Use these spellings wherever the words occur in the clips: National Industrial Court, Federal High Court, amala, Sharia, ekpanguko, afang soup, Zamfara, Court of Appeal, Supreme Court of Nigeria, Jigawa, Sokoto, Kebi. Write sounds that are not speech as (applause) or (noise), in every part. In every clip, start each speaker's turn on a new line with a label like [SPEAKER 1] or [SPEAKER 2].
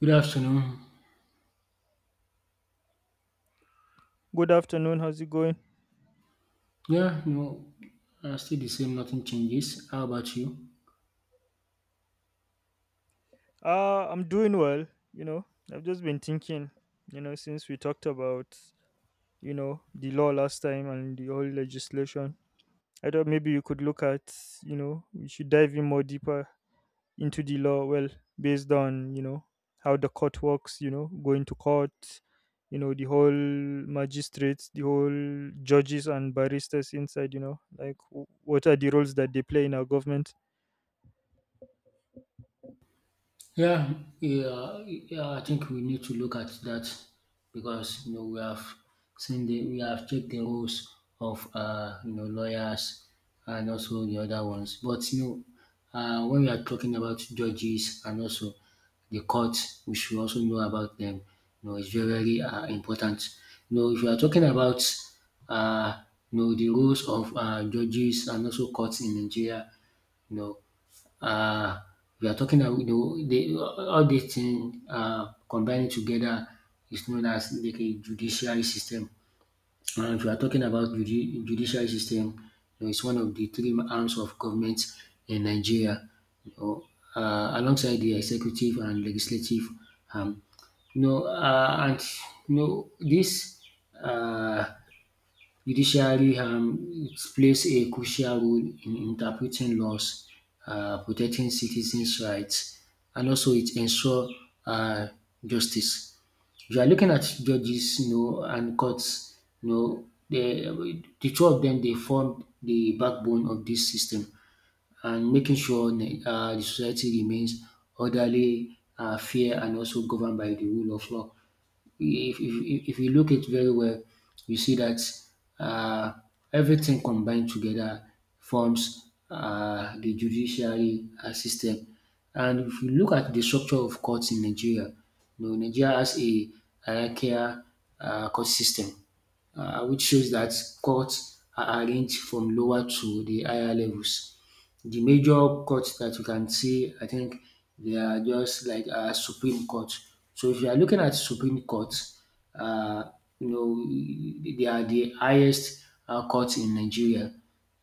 [SPEAKER 1] Good afternoon.
[SPEAKER 2] Good afternoon. How's it going?
[SPEAKER 1] Yeah, no, Still the same, nothing changes. How about you?
[SPEAKER 2] I'm doing well. You know, I've just been thinking, since we talked about, the law last time and the whole legislation. I thought maybe you could look at, we should dive in more deeper into the law, well, based on, how the court works, going to court, the whole magistrates, the whole judges and barristers inside, like what are the roles that they play in our government?
[SPEAKER 1] Yeah, yeah, I think we need to look at that because you know we have seen the we have checked the roles of you know lawyers and also the other ones. But you know, when we are talking about judges and also the courts, we should also know about them. You know, it's very important. You know, if you are talking about uh you know the roles of judges and also courts in Nigeria, you know, um we are talking all these things combining together is known as like a judiciary system. And if we are talking about judiciary system, you know, it's one of the three arms of government in Nigeria, you know, alongside the executive and legislative arm. You know um and you know this. um Judiciary plays a crucial role in interpreting laws, protecting citizens right, and also it ensure um justice. If you are looking at judges, you know, and courts, you know, de de two of dem dey form de backbone of dis system and making sure de society remains orderly, fair, and also governed by de rule of law. If you look it very well, you see that uh, everything combined together forms the judiciary system. And if you look at the structure of courts in Nigeria, you know, Nigeria has a hierarchical court system, which shows that courts are arranged from lower to the higher levels. The major courts that you can see, I think they are just like Supreme Court. So if you are looking at Supreme Court, uh, you know they are the highest court in Nigeria,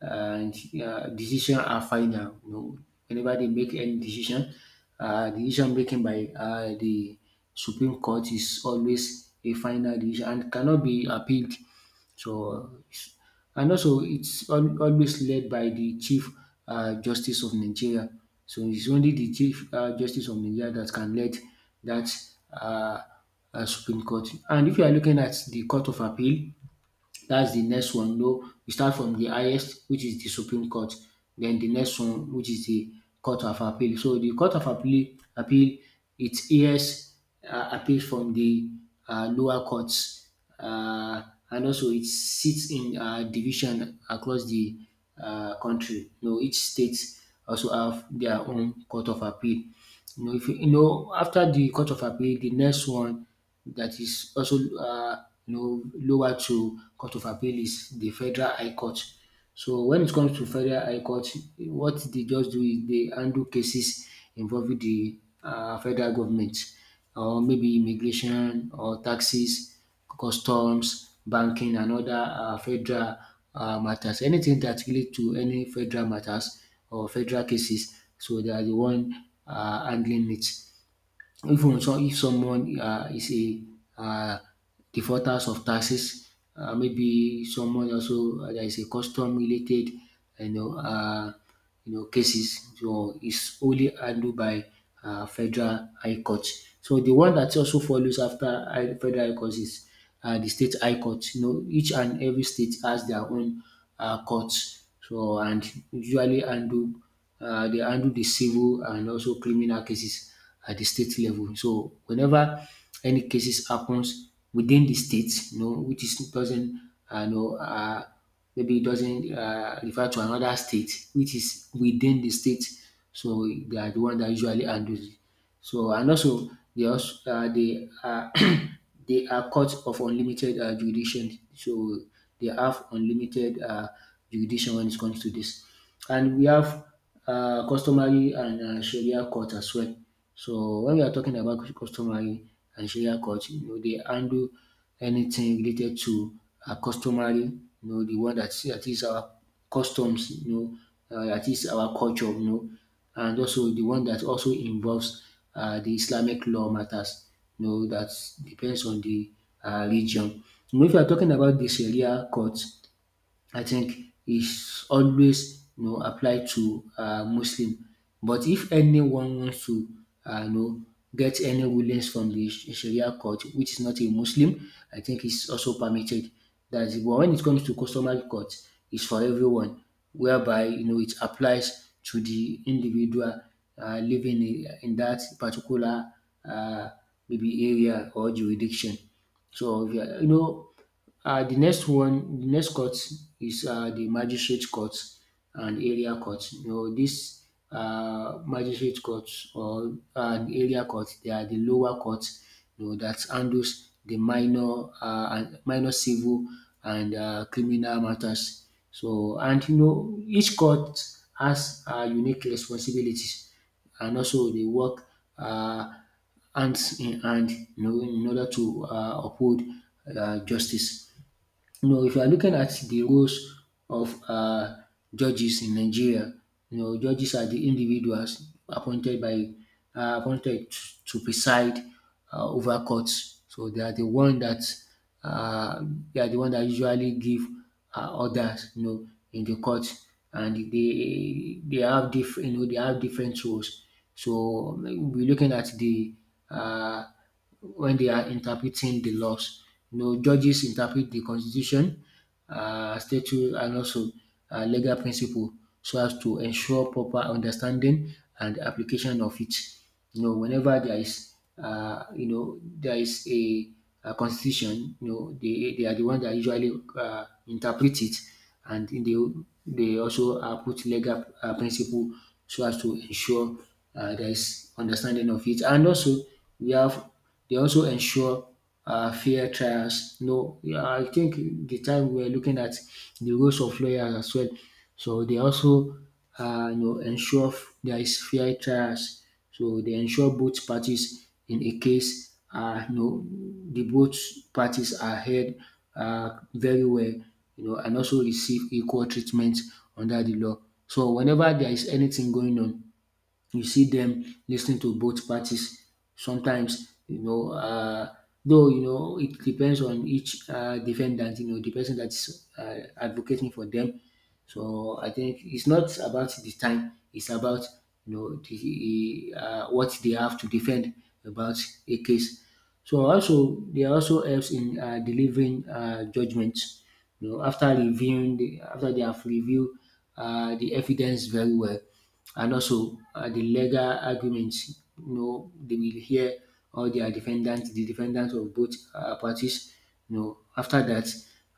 [SPEAKER 1] and decision are final. You know, whenever they make any decision, decision making by the Supreme Court is always a final decision and cannot be appealed. So, and also, it's always led by the Chief Justice of Nigeria. So it's only the Chief Justice of Nigeria that can lead that uh, Supreme Court. And if you are looking at the Court of Appeal, that's the next one. No, we start from the highest, which is the Supreme Court. Then the next one, which is the Court of Appeal. So the Court of Appeal, it hears appeals from the lower courts, uh, and also it sits in division across the country. You know, each state also have their own Court of Appeal. You know, if you you know after the court of appeal, the next one that is also you know lower to court of appeal is the federal high court. So when it comes to federal high court, what the judge do is they handle cases involving the federal government, or maybe immigration or taxes, customs, banking, and other federal matters. Anything that relate to any federal matters or federal cases, so they are the one handling it. Even so, if someone is a uh, defaulters of taxes, maybe someone also there is a custom related, you know, uh, you know, cases. So it's only handled by federal high courts. So the one that also follows after federal high court is the state high courts. You know, each and every state has their own courts. So, and usually handle they handle the civil and also criminal cases at the state level. So whenever any cases happens within the state, you know, which is doesn't uh, you know uh, maybe doesn't refer to another state, which is within the state. So they are the one that usually handles it. So and also they are (coughs) (clears throat) they are courts of unlimited jurisdiction. So they have unlimited jurisdiction when it comes to this. And we have customary and Sharia court as well. So when we are talking about customary and Sharia court, you know, they handle anything related to customary, you know, the one that is our customs, you know, that is our culture, you know, and also the one that also involves the Islamic law matters, you know, that depends on the region. You know, if you are talking about the Sharia court, I think is always you know apply to Muslim. But if anyone wants to you know get any rulings from the Sharia court which is not a Muslim, I think it's also permitted. That's it. But when it comes to customary court, it's for everyone, whereby you know it applies to the individual living in that particular uh, maybe area or jurisdiction. So yeah, you know the next one, the next court is the magistrate court and area court. You know, this magistrate court or an area court, they are the lower court, you know, that handles the minor civil and criminal matters. So, and you know, each court has unique responsibilities, and also they work Uh, hands in hand, you know, in order to uphold justice. You know, if you are looking at the roles of judges in Nigeria, you know, judges are the individuals appointed to preside over courts. So they are the one that uh, they are the one that usually give orders, you know, in the court, and they have different, you know, they have different roles. So we're looking at the uh, when they are interpreting the laws. You know, judges interpret the constitution, statute, and also legal principle, so as to ensure proper understanding and application of it. You know, whenever there is, you know, there is a constitution, you know, they are the one that usually interpret it, and they also put legal principle so as to ensure there is understanding of it. And also, we have they also ensure fair trials. No, yeah, I think the time we were looking at the roles of lawyers as well. So they also you know, ensure there is fair trials, so they ensure both parties in a case are you know the both parties are heard very well, you know, and also receive equal treatment under the law. So whenever there is anything going on, you see them listening to both parties sometimes, you know, though you know it depends on each defendant, you know the person that's advocating for them. So I think it's not about the time, it's about you know what they have to defend about a case. So also they also helps in delivering judgments. You know, after they have reviewed the evidence very well, and also the legal arguments. You know, they will hear all their defendants, the defendants of both parties. You know, after that,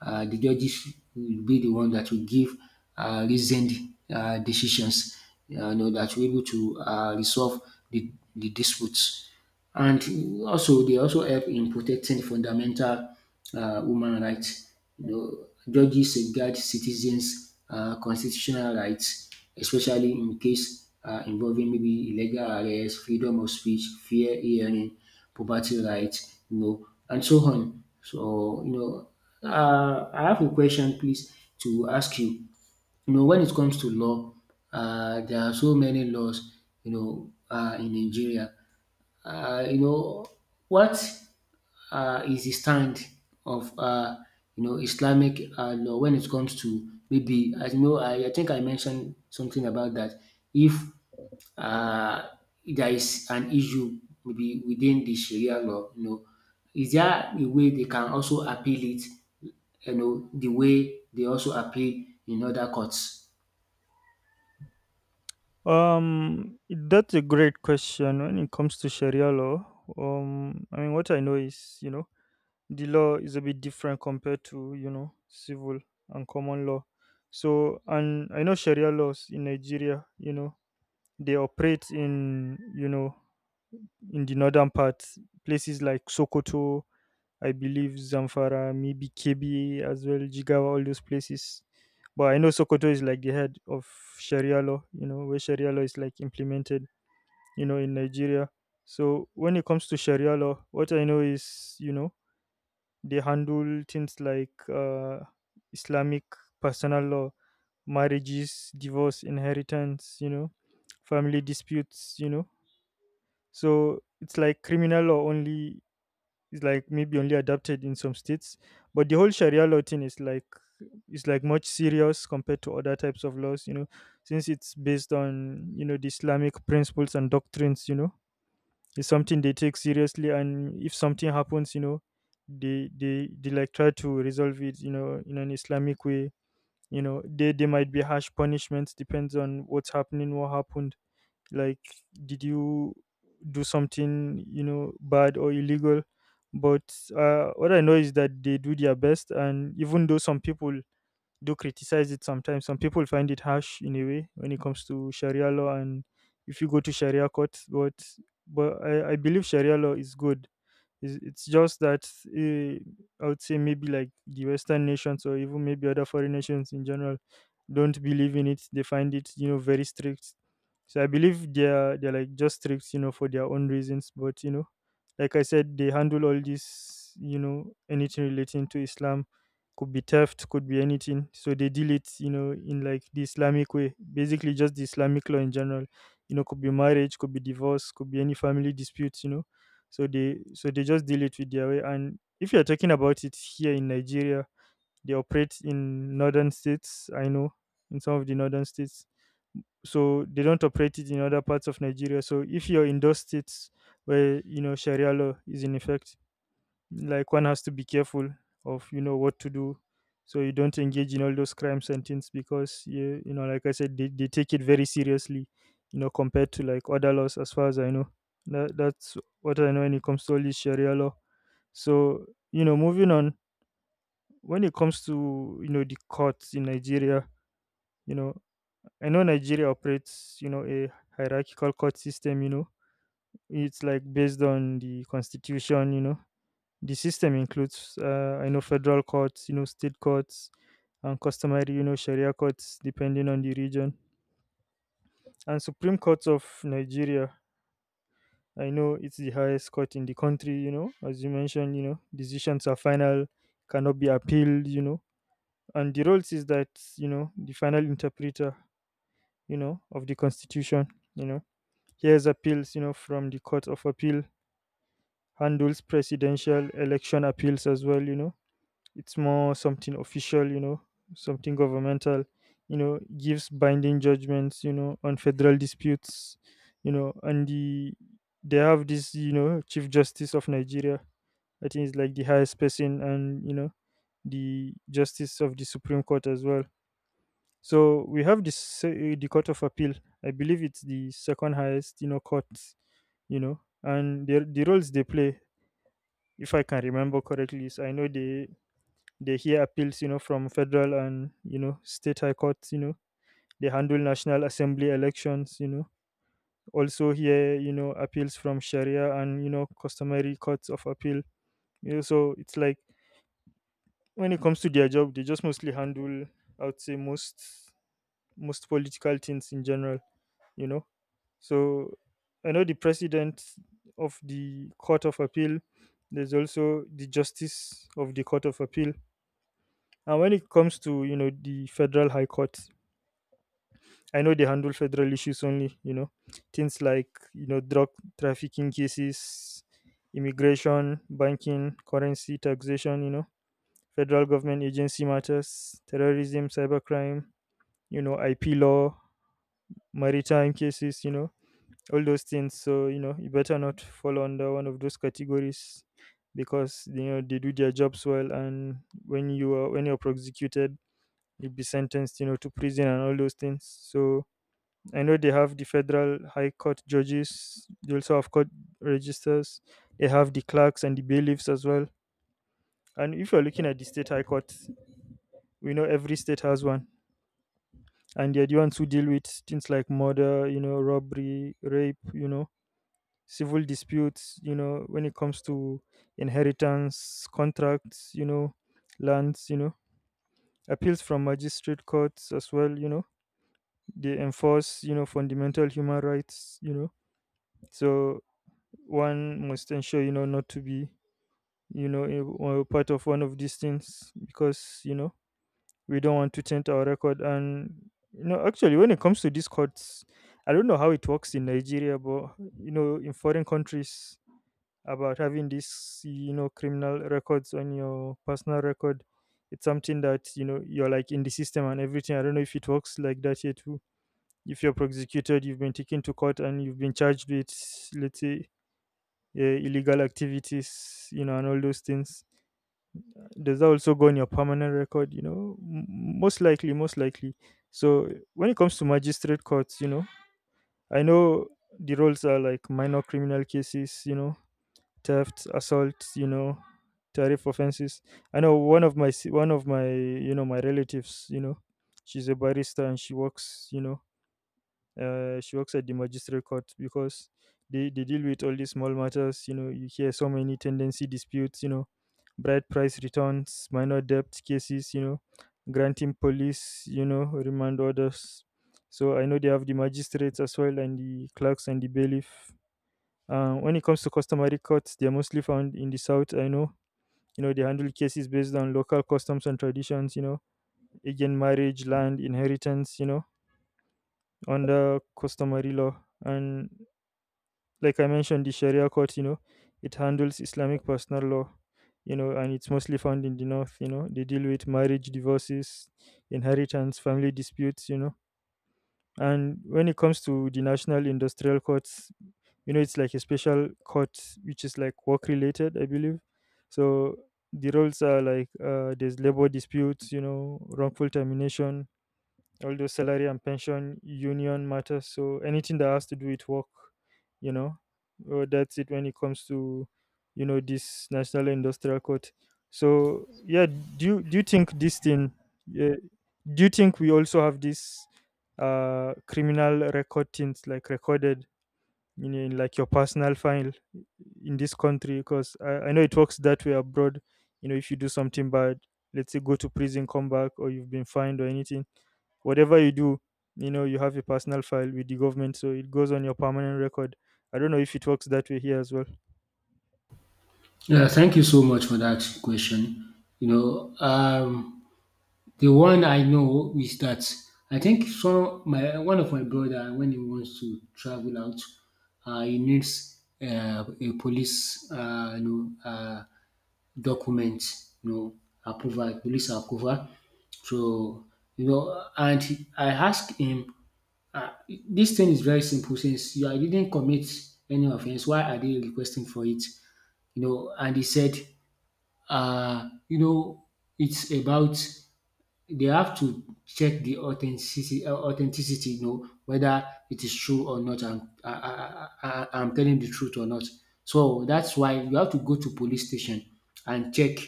[SPEAKER 1] the judges will be the one that will give reasoned decisions you know, that will be able to resolve the disputes. And also they also help in protecting fundamental human rights. You know, judges safeguard citizens constitutional rights, especially in case involving maybe illegal arrest, freedom of speech, fair hearing, property rights, you know, and so on. So, you know, I have a question please to ask you. You know, when it comes to law, there are so many laws, you know, in Nigeria, you know, what is the stand of you know Islamic law when it comes to maybe I think I mentioned something about that. If uh, there is an issue maybe within the Sharia law, you know, is there a way they can also appeal it? You know, the way they also appeal in other courts.
[SPEAKER 2] That's a great question when it comes to Sharia law. I mean, what I know is, the law is a bit different compared to, civil and common law. So, and I know Sharia laws in Nigeria, they operate in, in the northern part, places like Sokoto, I believe Zamfara, maybe Kebi as well, Jigawa, all those places. But I know Sokoto is like the head of Sharia law, where Sharia law is like implemented, in Nigeria. So when it comes to Sharia law, what I know is, they handle things like Islamic personal law, marriages, divorce, inheritance, family disputes. So it's like criminal law only is like maybe only adopted in some states, but the whole Sharia law thing is like much serious compared to other types of laws, since it's based on the Islamic principles and doctrines. It's something they take seriously, and if something happens, they like try to resolve it, in an Islamic way. They might be harsh punishments, depends on what's happening, what happened. Like, did you do something, bad or illegal? But what I know is that they do their best, and even though some people do criticize it sometimes. Some people find it harsh in a way when it comes to Sharia law, and if you go to Sharia courts, but but I believe Sharia law is good. It's just that I would say maybe like the Western nations or even maybe other foreign nations in general don't believe in it. They find it, very strict. So I believe they're like just strict, for their own reasons. But like I said, they handle all this, anything relating to Islam, could be theft, could be anything. So they deal it, in like the Islamic way, basically just the Islamic law in general. Could be marriage, could be divorce, could be any family disputes. So they just deal it with their way. And if you're talking about it here in Nigeria, they operate in northern states, I know, in some of the northern states. So they don't operate it in other parts of Nigeria. So if you're in those states where Sharia law is in effect, like one has to be careful of what to do, so you don't engage in all those crimes and things, because like I said, they take it very seriously, compared to like other laws, as far as I know. That's what I know when it comes to all this Sharia law. So, moving on, when it comes to the courts in Nigeria, you know I know Nigeria operates, a hierarchical court system. It's like based on the constitution. The system includes, I know, federal courts, state courts, and customary, Sharia courts, depending on the region. And Supreme Court of Nigeria, I know it's the highest court in the country, as you mentioned, decisions are final, cannot be appealed. And the rules is that, the final interpreter, of the constitution, you know, hears appeals, from the Court of Appeal, handles presidential election appeals as well. It's more something official, something governmental, gives binding judgments, on federal disputes. And the they have this, Chief Justice of Nigeria. I think it's like the highest person, and the Justice of the Supreme Court as well. So we have this, the Court of Appeal. I believe it's the second highest, court. And the roles they play, if I can remember correctly, is I know they hear appeals, from federal and, state high courts. They handle national assembly elections, also hear, appeals from Sharia and, customary courts of appeal. So it's like, when it comes to their job, they just mostly handle, I would say, most political things in general. you know so I know the president of the Court of Appeal, there's also the Justice of the Court of Appeal. And when it comes to, the federal high court, I know they handle federal issues only, things like, drug trafficking cases, immigration, banking, currency, taxation, federal government agency matters, terrorism, cybercrime, IP law, maritime cases, all those things. So, you better not fall under one of those categories because, they do their jobs well. And when you're prosecuted, you'll be sentenced, to prison and all those things. So, I know they have the federal high court judges. They also have court registers. They have the clerks and the bailiffs as well. And if you're looking at the state high court, we know every state has one, and they're the ones who deal with things like murder, robbery, rape, civil disputes, when it comes to inheritance, contracts, lands, appeals from magistrate courts as well, they enforce, fundamental human rights. So one must ensure, not to be, a, or part of one of these things, because we don't want to taint our record. And actually, when it comes to these courts, I don't know how it works in Nigeria, but in foreign countries, about having these, criminal records on your personal record, it's something that, you're like in the system and everything. I don't know if it works like that here too. If you're prosecuted, you've been taken to court and you've been charged with, let's say, yeah, illegal activities, and all those things. Does that also go on your permanent record? Most likely, most likely. So when it comes to magistrate courts, I know the roles are like minor criminal cases, theft, assault, tariff offenses. I know one of my, relatives, she's a barrister and she works, she works at the magistrate court because they deal with all these small matters. You hear so many tendency disputes, bride price returns, minor debt cases, granting police, remand orders. So I know they have the magistrates as well, and the clerks and the bailiff. When it comes to customary courts, they're mostly found in the south. I know, they handle cases based on local customs and traditions. Again, marriage, land, inheritance. Under customary law, and like I mentioned, the Sharia court, it handles Islamic personal law, and it's mostly found in the north, They deal with marriage, divorces, inheritance, family disputes. And when it comes to the national industrial courts, it's like a special court which is like work related, I believe. So the roles are like, there's labor disputes, wrongful termination, all those salary and pension union matters. So anything that has to do with work, you know, that's it when it comes to, this national industrial court. So yeah, do you think this thing? Uh, do you think we also have this criminal record things, like recorded in like your personal file in this country? Because I know it works that way abroad. If you do something bad, let's say go to prison, come back, or you've been fined or anything, whatever you do, you have a personal file with the government, so it goes on your permanent record. I don't know if it works that way here as well.
[SPEAKER 1] Yeah, thank you so much for that question. You know, the one I know is that I think some my one of my brother, when he wants to travel out, he needs a police, document, you know, approval, police approval. So you know, I asked him, uh, this thing is very simple. Since you didn't commit any offense, why are they requesting for it? You know, and he said, you know, it's about they have to check the authenticity you know, whether it is true or not. I'm, I- I'm telling the truth or not. So that's why you have to go to police station and check.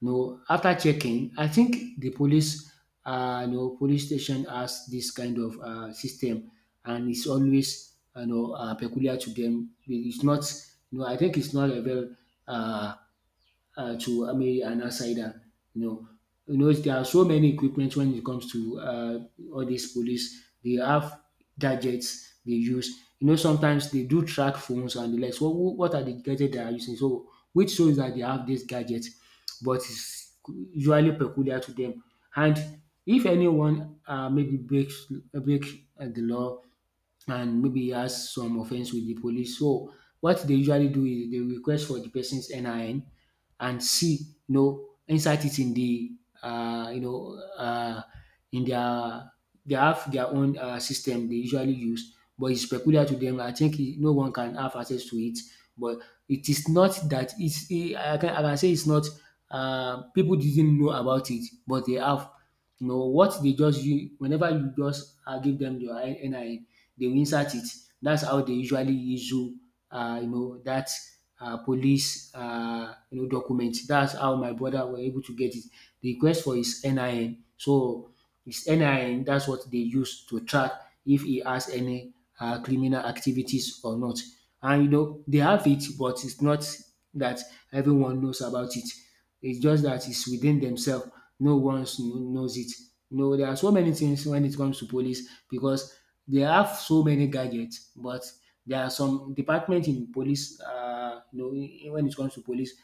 [SPEAKER 1] You know, after checking, I think the police, you know, police station has this kind of system, and it's always peculiar to them. It's not, you know, I think it's not a very uh, to maybe an outsider. You know, there are so many equipment when it comes to all these police. They have gadgets they use. You know, sometimes they do track phones and the likes. What are the gadgets they are using? So, which shows that they have these gadgets, but it's usually peculiar to them. And if anyone maybe breaks break the law and maybe he has some offense with the police. So what they usually do is they request for the person's NIN and see, you know, insert it in the, uh, you know, uh, in their, they have their own system they usually use, but it's peculiar to them. I think no one can have access to it, but it is not that it's, I can say it's not, people didn't know about it, but they have. You know, what whenever you just give them your NIN, they will insert it. That's how they usually issue, you know, that police, you know, document. That's how my brother were able to get it. The request for his NIN. So his NIN, that's what they use to track if he has any criminal activities or not. And you know, they have it, but it's not that everyone knows about it. It's just that it's within themselves. No one knows it. You know, there are so many things when it comes to police because they have so many gadgets, but there are some departments in police, when it comes to police,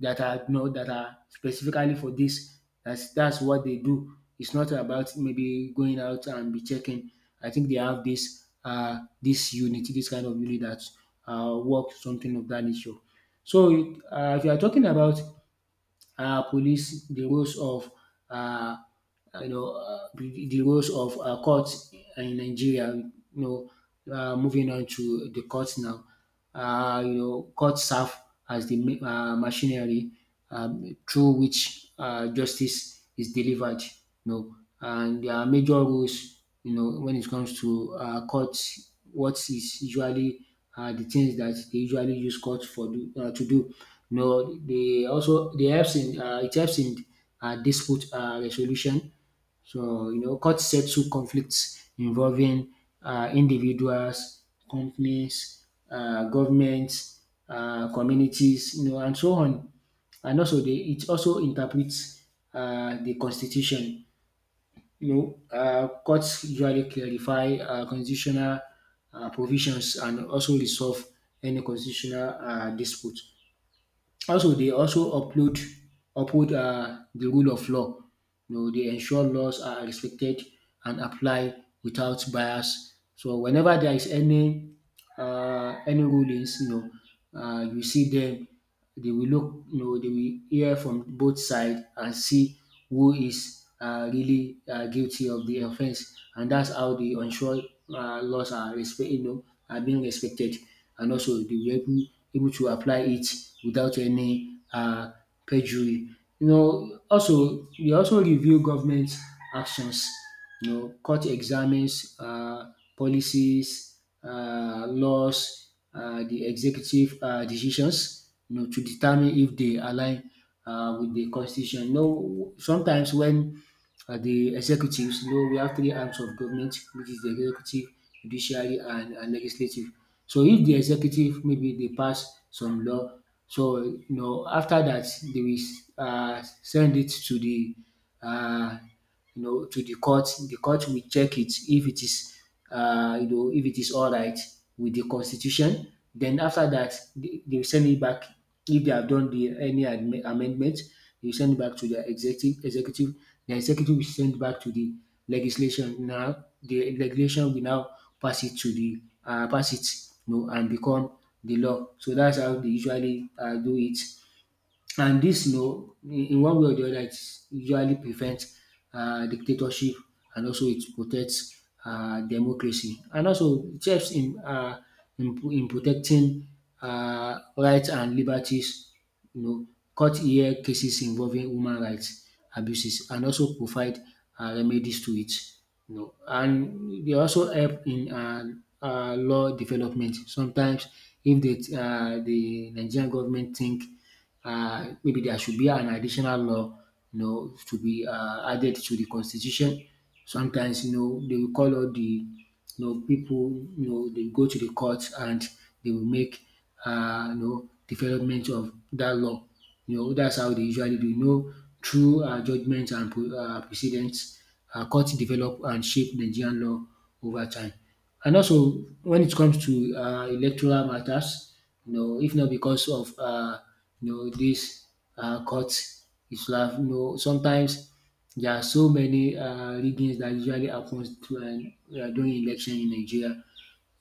[SPEAKER 1] that are that are specifically for this. That's what they do. It's not about maybe going out and be checking. I think they have this unit, this kind of unit that work something of that nature. So if you are talking about police, the roles of uh, you know the roles of courts in Nigeria. You know, moving on to the courts now. You know, courts serve as the machinery through which justice is delivered. You know, and there are major rules. You know, when it comes to courts, what is usually the things that they usually use court for do, to do. You know, they helps in it helps in dispute resolution. So you know, court settle conflicts involving individuals, companies, governments, communities, you know, and so on. And also, it also interprets the constitution. You know, courts usually clarify constitutional provisions and also resolve any constitutional dispute. Also, they also upload uphold the rule of law. You know, they ensure laws are respected and apply without bias. So whenever there is any rulings, you see them. They will look, you know, they will hear from both sides and see who is really guilty of the offense, and that's how the unsure laws are respect, you know, are being respected, and also they were able, able to apply it without any perjury. You know, also we also review government actions. You know, court examines policies, laws, the executive decisions, you know, to determine if they align with the constitution. You know, sometimes when the executives, you know, we have three arms of government, which is the executive, judiciary, and legislative. So if the executive maybe they pass some law, so you know after that they will send it to the uh, you know, to the court. The court will check it if it is, you know, if it is all right with the constitution. Then after that, they will send it back. If they have done the any amendment, they will send it back to the executive. The executive will send back to the legislation. Now the legislation will now pass it, you know, and become the law. So that's how they usually do it. And this, you know, in one way or the other, it usually prevents dictatorship and also it protects democracy. And also, it helps in protecting rights and liberties, you know, court hear cases involving human rights abuses and also provide remedies to it. You know, and they also help in law development. Sometimes, if the Nigerian government think maybe there should be an additional law, you know, to be added to the constitution. Sometimes, you know, they will call all the people, you know, they go to the court and they will make you know development of that law. You know, that's how they usually do. You know, through judgments and precedents, court develop and shape Nigerian law over time. And also, when it comes to electoral matters, you know, if not because of you know this court, it's like have you know sometimes there are so many riggings that usually happens to, during election in Nigeria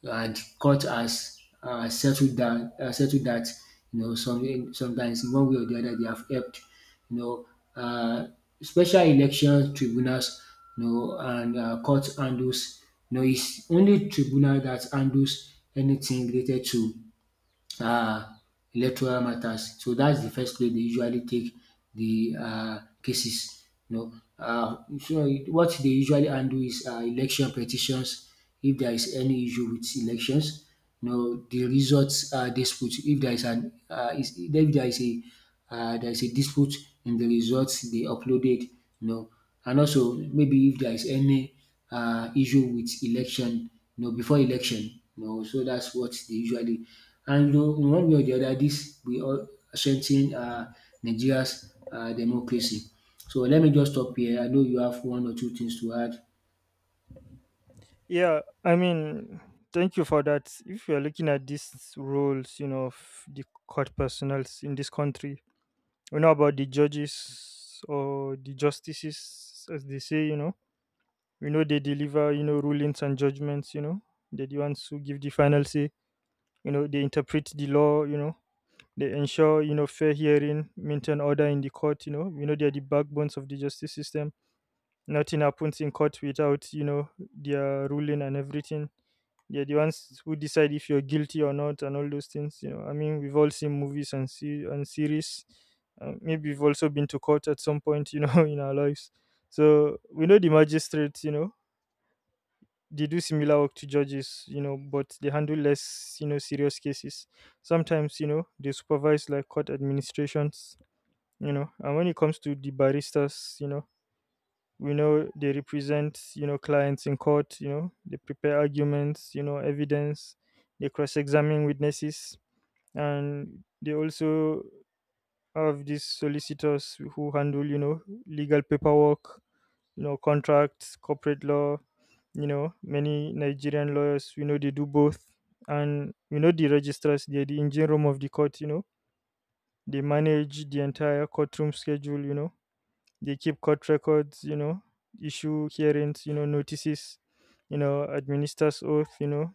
[SPEAKER 1] and court has settled that you know sometimes in one way or the other they have helped you know uh, special election tribunals you know and court handles you know it's only tribunal that handles anything related to uh, electoral matters. So that's the first place they usually take the cases. You know, so what they usually handle is election petitions. If there is any issue with elections, you know, the results dispute. If there if there is a there is a dispute in the results they uploaded, you know, and also maybe if there is any issue with election, you know, before election. You know, so that's what they usually. And you know, in one way or the other, this we all strengthen Nigeria's democracy. So let me just stop here. I know you have one or two things to add.
[SPEAKER 2] Yeah, I mean, thank you for that. If you're looking at these roles, of the court personals in this country, we know about the judges or the justices, as they say, they deliver rulings and judgments, they're the ones who give the final say, they interpret the law, they ensure fair hearing, maintain order in the court. They're the backbones of the justice system. Nothing happens in court without their ruling and everything. They're the ones who decide if you're guilty or not and all those things. I mean, we've all seen movies and see and series. Maybe we've also been to court at some point, (laughs) in our lives. So we know the magistrates. They do similar work to judges, but they handle less, serious cases. Sometimes, they supervise like court administrations, And when it comes to the baristas, we know they represent, clients in court, they prepare arguments, evidence, they cross examine witnesses, and they also I have these solicitors who handle legal paperwork, contracts, corporate law. Many nigerian lawyers, they do both. And the registrars, they're the engine room of the court. They manage the entire courtroom schedule, they keep court records, issue hearings, notices, administers oath,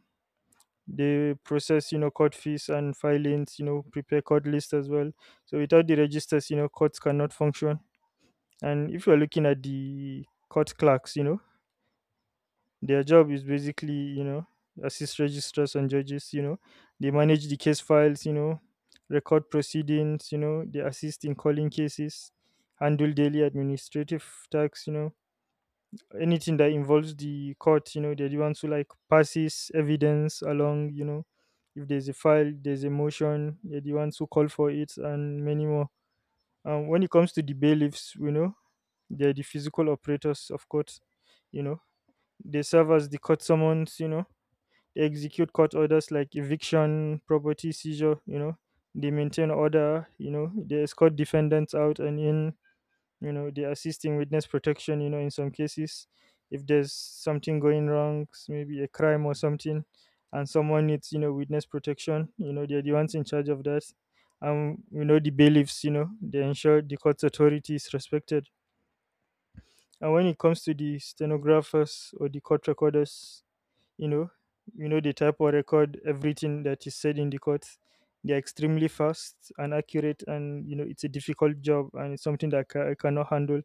[SPEAKER 2] they process court fees and filings, prepare court lists as well. So without the registers, courts cannot function. And if you're looking at the court clerks, their job is basically assist registrars and judges, they manage the case files, record proceedings, they assist in calling cases, handle daily administrative tasks. Anything that involves the court, they're the ones who like passes evidence along. If there's a file, there's a motion, they're the ones who call for it and many more. When it comes to the bailiffs, they're the physical operators of court. you know, they serve as the court summons, they execute court orders like eviction, property seizure. They maintain order, they escort defendants out and in. They assist in witness protection in some cases. If there's something going wrong, maybe a crime or something, and someone needs witness protection, they're the ones in charge of that. And the bailiffs, they ensure the court's authority is respected. And when it comes to the stenographers or the court recorders, you know they type or record everything that is said in the court. They are extremely fast and accurate, and it's a difficult job, and it's something that I cannot handle.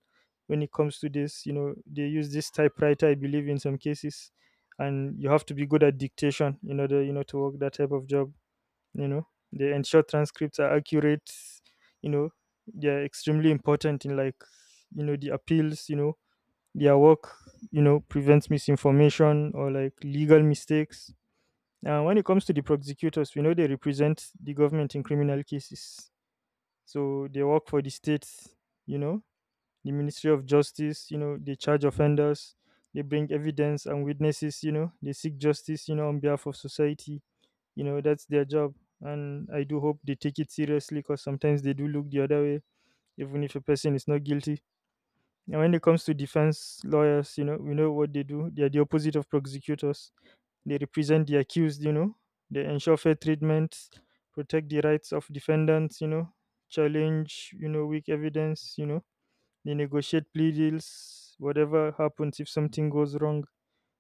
[SPEAKER 2] When it comes to this, they use this typewriter, I believe, in some cases. And you have to be good at dictation in order, to work that type of job. you know they ensure transcripts are accurate. you know they are extremely important in like the appeals. Their work prevents misinformation or like legal mistakes. When it comes to the prosecutors, we know they represent the government in criminal cases. So they work for the state, you know the ministry of justice. They charge offenders, they bring evidence and witnesses, they seek justice on behalf of society. That's their job. And I do hope they take it seriously, because sometimes they do look the other way, even if a person is not guilty. And when it comes to defense lawyers, we know what they do. They are the opposite of prosecutors. They represent the accused, they ensure fair treatment, protect the rights of defendants, challenge, weak evidence, they negotiate plea deals, whatever happens if something goes wrong.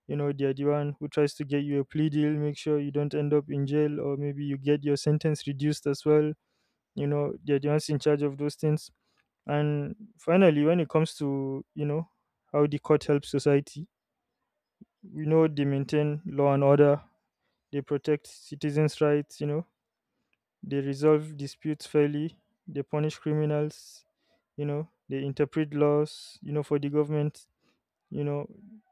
[SPEAKER 2] They are the one who tries to get you a plea deal, make sure you don't end up in jail, or maybe you get your sentence reduced as well. They're the ones in charge of those things. And finally, when it comes to, how the court helps society, we know they maintain law and order, they protect citizens' rights, they resolve disputes fairly, they punish criminals, they interpret laws, for the government, you know,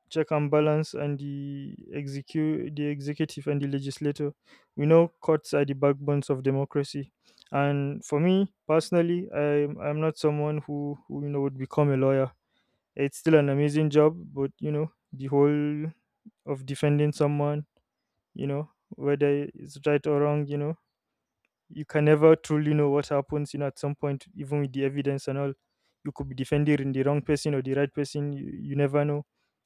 [SPEAKER 2] check and balance and the execute the executive and the legislature. We know courts are the backbones of democracy. And for me personally, I'm not someone who would become a lawyer. It's still an amazing job, but the whole of defending someone, whether it's right or wrong, you can never truly know what happens, at some point, even with the evidence and all. You could be defending the wrong person or the right person. You never know.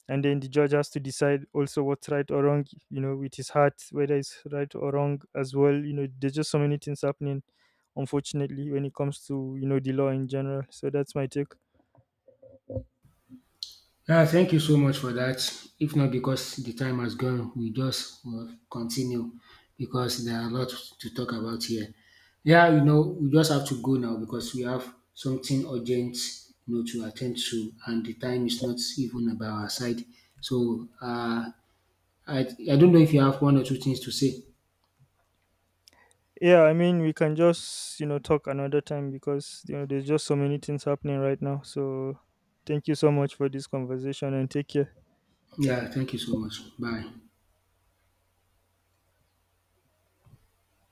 [SPEAKER 2] And then the judge has to decide also what's right or wrong, with his heart, whether it's right or wrong as well. There's just so many things happening, unfortunately, when it comes to, the law in general. So that's my take.
[SPEAKER 1] Yeah, thank you so much for that. If not because the time has gone, we just will continue because there are a lot to talk about here. Yeah, you know, we just have to go now because we have something urgent, you know, to attend to, and the time is not even by our side. So, I I don't know if you have one or two things to say.
[SPEAKER 2] Yeah, I mean, we can just, talk another time because, there's just so many things happening right now. So thank you so much for this conversation and take care.
[SPEAKER 1] Yeah, thank you so much. Bye.